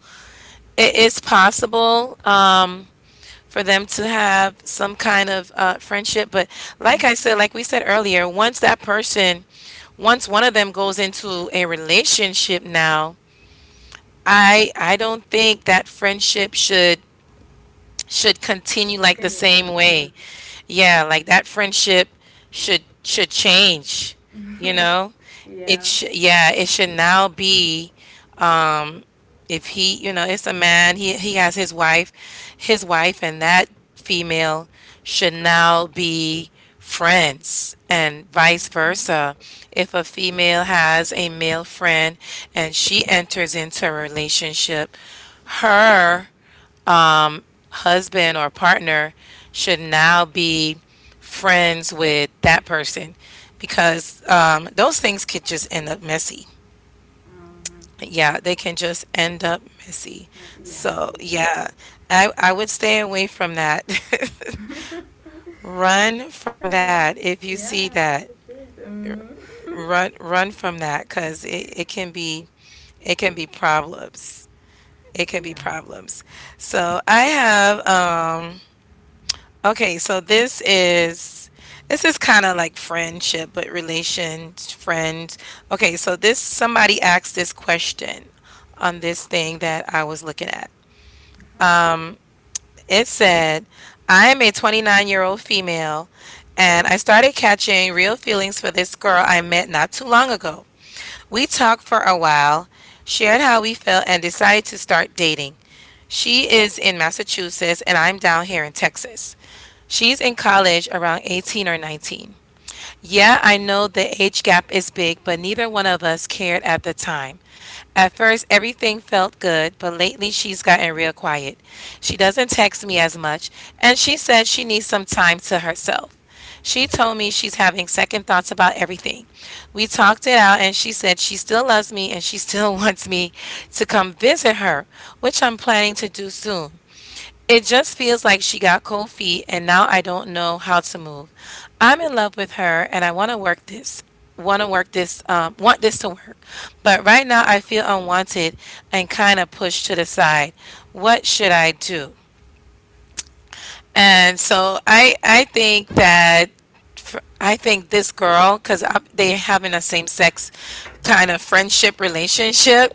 A: It is possible for them to have some kind of friendship, but like I
B: Mm-hmm.
A: said, like we said earlier, once one of them goes into a relationship now, I don't think that friendship should continue like the
B: Can you?
A: same
B: Mm-hmm.
A: way. Yeah, like that friendship should change, you know? It
B: Yeah.
A: sh yeah, it should now be if he you know it's a man he has his wife and that female should now be friends and vice
B: Mm-hmm.
A: versa. If a female has a male friend and she enters into a relationship, her husband or partner should now be friends with that person because those things could just end up messy.
B: Mhm.
A: Yeah, they can just end up messy.
B: That's, yeah,
A: So,
B: yeah.
A: yeah, I would stay away from that. Run from
B: Yeah,
A: that if you see
B: yeah,
A: that.
B: it should.
A: Run from that because it can be problems. It can be
B: Yeah.
A: problems. So, I have okay, so this is kind of like friendship but relations. Friend. Okay, so this somebody asked this question on this thing that I was looking at. It said, I am a 29-year-old female, and I started catching real feelings for this girl I met not too long ago. We talked for a while, shared how we felt, and decided to start dating. She is in Massachusetts, and I'm down here in Texas. She's in college around 18 or 19. Yeah, I know the age gap is big, but neither one of us cared at the time. At first, everything felt good, but lately she's gotten real quiet. She doesn't text me as much, and she said she needs some time to herself. She told me she's having second thoughts about everything. We talked it out, and she said she still loves me and she still wants me to come visit her, which I'm planning to do soon. It just feels like she got cold feet and now I don't know how to move. I'm in love with her and I want to work this. Want this to work. But right now I feel unwanted and kind of pushed to the side. What should I do? And so I think that I think this girl, because they having a same sex kind of friendship relationship,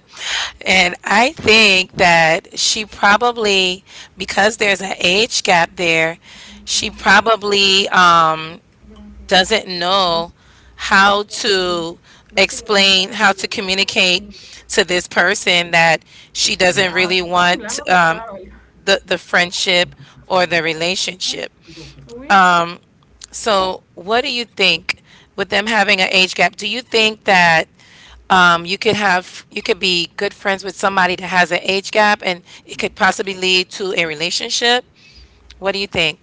A: and I think that she probably because there's an age gap there, she probably
B: Non,
A: doesn't know how
B: pas toujours.
A: to
B: Basi
A: explain how
B: inatawala
A: to communicate
B: mtakatifu.
A: to this person that
B: Of
A: she
B: you.
A: doesn't
B: La
A: really want
B: mapula mtibawala.
A: the friendship
B: That's
A: or
B: right.
A: the
B: Huh?
A: relationship.
B: That's what first. Oui.
A: So, what do you think with them having an age gap? Do you think that you could have you could be good friends with somebody that has an age gap, and it could possibly lead to a relationship? What do you think?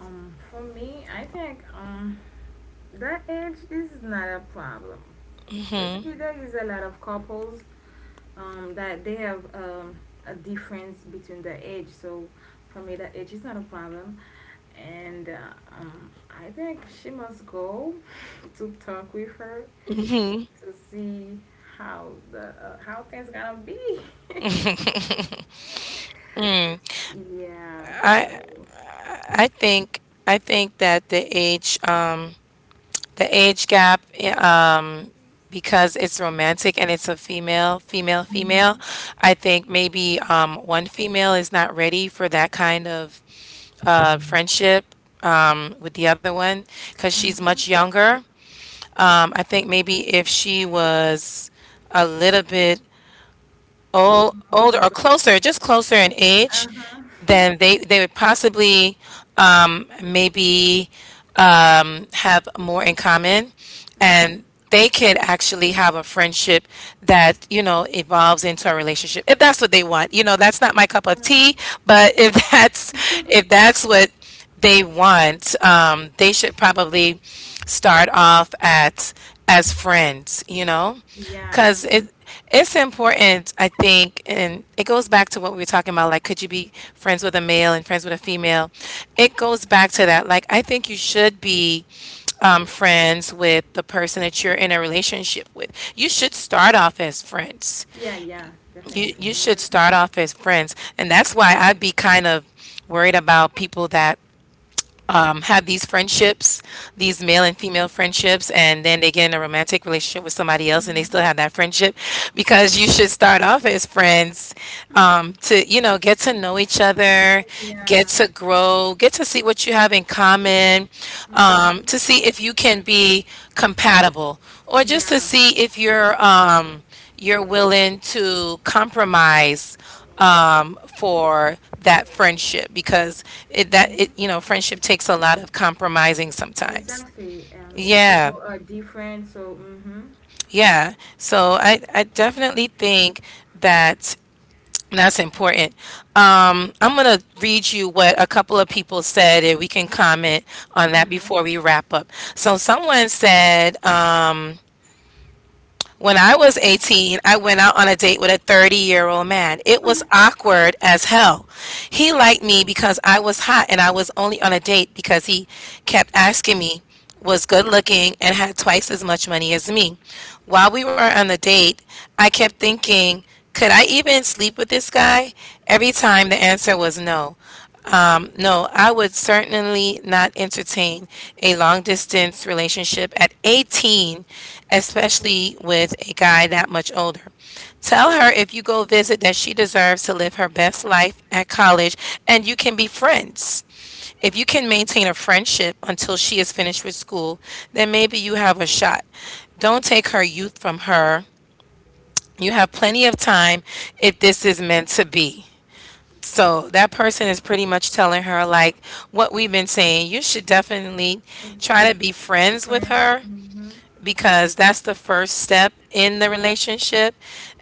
B: For me, I think that age is not a problem. Basically, there is a lot of couples that they have a difference between the age. So for me, the age is not a problem. And I think she must go to talk with her
A: Hmm.
B: to see how things gonna be.
A: Mm.
B: Yeah.
A: I
B: So.
A: I think I think that the age gap because it's romantic and it's a female female female, I think maybe one female is not ready for that kind of friendship with the other one because
B: Uh
A: she's
B: huh.
A: much younger. I think maybe if she was a little bit older or closer, just closer in age,
B: Uh huh.
A: then they would possibly maybe have more in common, and they could actually have a friendship that you know evolves into a relationship if that's what they want. You know, that's not my cup of tea,
B: Mhm.
A: but if that's if that's what they want, they should probably start off at as friends, you know?
B: Yeah.
A: Cuz it it's important, I think, and it goes back to what we were talking about like could you be friends with a male and friends with a female? It goes back to that. Like I think you should be friends with the person that you're in a relationship with. You should start off as friends.
B: Yeah. Yeah.
A: You
B: Definitely.
A: you should start off as friends, and that's why I'd be kind of worried about people that have these friendships, these male and female friendships, and then they get in a romantic relationship with somebody else and
B: hmm
A: they
B: hmm
A: still have that friendship because you should start off as friends to, you know, get to know each other, get
B: Yeah.
A: to grow, get to see what you have in common,
B: hmm
A: to see if you can be compatible or just to
B: Yeah.
A: see if you're willing to compromise for that friendship because it that
B: Mm-hmm.
A: it you know friendship takes a lot of compromising sometimes.
B: Exactly. Each people
A: Yeah,
B: are different, so mm-hmm.
A: yeah. So I definitely think that that's important. I'm gonna read you what a couple of people said, and we can comment on that
B: Uh-huh.
A: before we wrap up. So someone said. When I was 18, I went out on a date with a 30-year-old man. It was awkward as hell. He liked me because I was hot and I was only on a date because he kept asking me, was good looking, and had twice as much money as me. While we were on the date, I kept thinking, could I even sleep with this guy? Every time the answer was no. No, I would certainly not entertain a long distance relationship at 18, especially with a guy that much older. Tell her if you go visit that she deserves to live her best life at college and you can be friends. If you can maintain a friendship until she is finished with school, then maybe you have a shot. Don't take her youth from her. You have plenty of time if this is meant to be. So that person is pretty much telling her, like, what we've been saying, you should definitely try to
B: Mhm.
A: be friends with
B: Friends.
A: her
B: Mm-hmm.
A: because that's the first step in the relationship.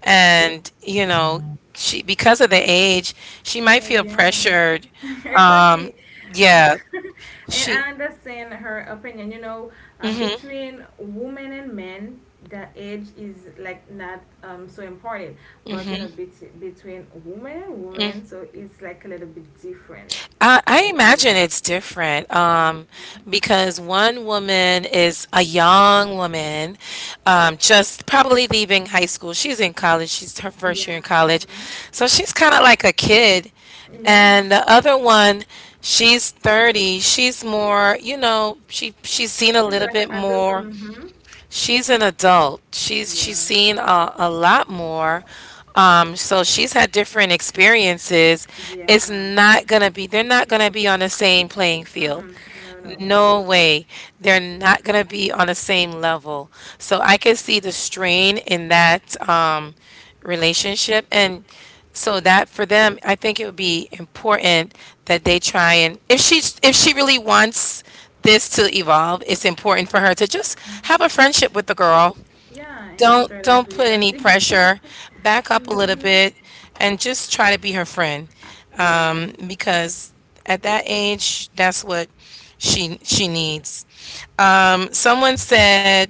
A: And, you know, she, because of the age, she might feel
B: Yeah.
A: pressured. Um,
B: Exactly. Uh,
A: yeah,
B: and
A: she.
B: I understand her opinion. You know, between women and men, the age is like not so important. But you know, between women and women, so it's like a little bit different.
A: I imagine
B: Yeah.
A: it's different
B: hmm
A: because one woman is a young woman, just probably leaving high school. She's in college, she's her first year in
B: Yeah.
A: college. So she's kind of like a kid.
B: Yeah.
A: And the other one, she's 30. She's more, you know, she's seen a
B: She's
A: little
B: like an
A: bit
B: adult.
A: more. She's an adult. She's
B: Yeah.
A: seen a lot
B: Tom
A: more.
B: up.
A: So she's had different experiences. It's
B: Yeah.
A: not gonna be, they're not gonna be on the same playing field.
B: Mm-mm. No, no.
A: No way. They're not going to be on the same level. So I can see the strain in that relationship. And so that for them, I think it would be important that they try, and if she really wants this to evolve, it's important for her to just have a friendship with the girl.
B: Yeah, and
A: Don't
B: after that,
A: don't
B: we're
A: put
B: gonna
A: any
B: see.
A: pressure. Back up a little
B: Mm-hmm.
A: bit and just try to be her friend
B: Yeah.
A: because at that age, that's what she needs. Someone said,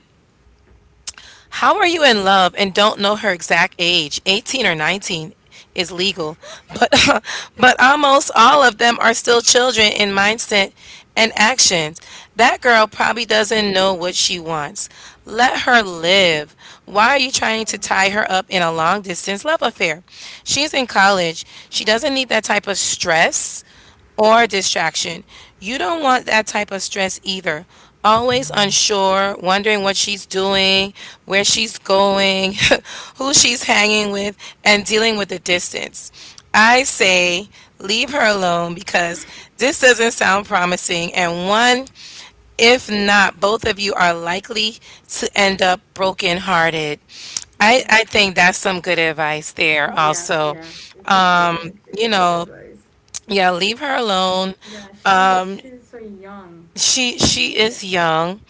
A: how are you in love and don't know her exact age? 18 or 19 is legal, but, but almost all of them are still children in mindset and actions. That girl probably doesn't know what she wants. Let her live. Why are you trying to
B: Oh.
A: tie her up in a long distance love affair? She's in college. She doesn't need that type of stress or distraction. You don't want that type of stress either. Always unsure, wondering what she's doing, where she's going, who she's hanging with, and dealing with the distance. I say leave her alone because this doesn't sound promising. And one, if not, both of you are likely to end up brokenhearted. I,
B: Oh.
A: I think that's some good advice there,
B: Yeah,
A: also.
B: yeah. It's a definitely
A: You
B: a good
A: know,
B: advice.
A: yeah, leave her alone.
B: Yeah, she's so young.
A: She
B: She can,
A: is young.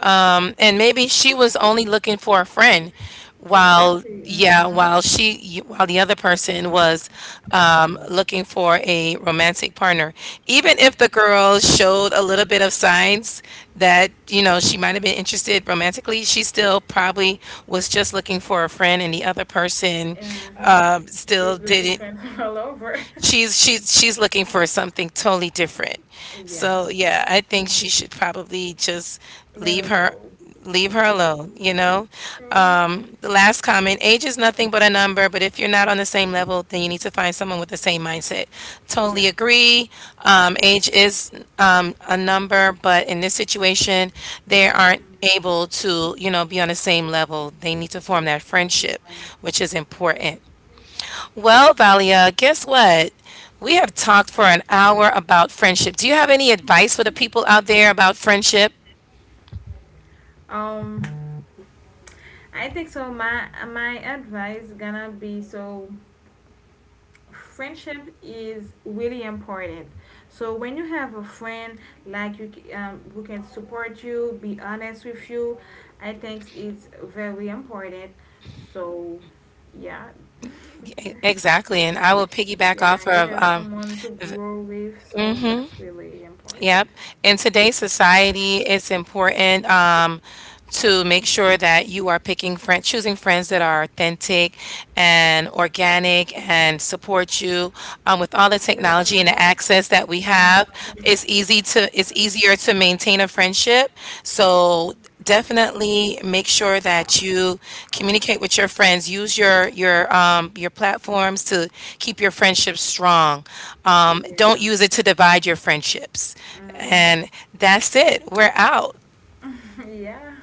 A: And maybe she was only looking for a friend while
B: exactly.
A: yeah,
B: Mm-hmm.
A: while she while the other person was looking for a romantic partner. Even if the girl showed a little bit of signs that, you know, she might have been interested romantically, she still probably was just looking for a friend and the other person
B: Uh huh.
A: still
B: She's looking
A: didn't
B: for him all over.
A: she's looking for something totally different.
B: Yeah.
A: So yeah, I think she should probably just
B: Let
A: leave
B: her
A: her
B: go.
A: leave her alone, you know?
B: hmm
A: The last comment, age is nothing but a number, but if you're not on the same level, then you need to find someone with the same mindset.
B: Yeah.
A: Totally agree. Age is a number, but in this situation, they aren't
B: hmm
A: able to, you know, be on the same level. They need to form that friendship, which is important. Well, Valia, guess what? We have talked for an hour about friendship. Do you have any advice for the people out there about friendship?
B: Um. I think so. My advice gonna be so friendship is really important. So when you have a friend like who can support you, be honest with you, I think it's very important. So yeah,
A: Exactly, and I will piggyback
B: yeah,
A: off
B: you
A: of
B: have someone to grow with. So
A: mhm,
B: that's really
A: yep.
B: important.
A: In today's society, it's important to make sure that you are picking friends, choosing friends that are authentic and organic and support you. With all the technology and the
B: Vale.
A: access that we
B: No.
A: have, it's easy to it's easier to maintain a friendship. So definitely make sure that you communicate with your friends. Use your your platforms to keep your friendships strong. Don't
B: Yeah.
A: use it to divide your friendships.
B: Mm-hmm.
A: And that's it. We're out.
B: Yeah.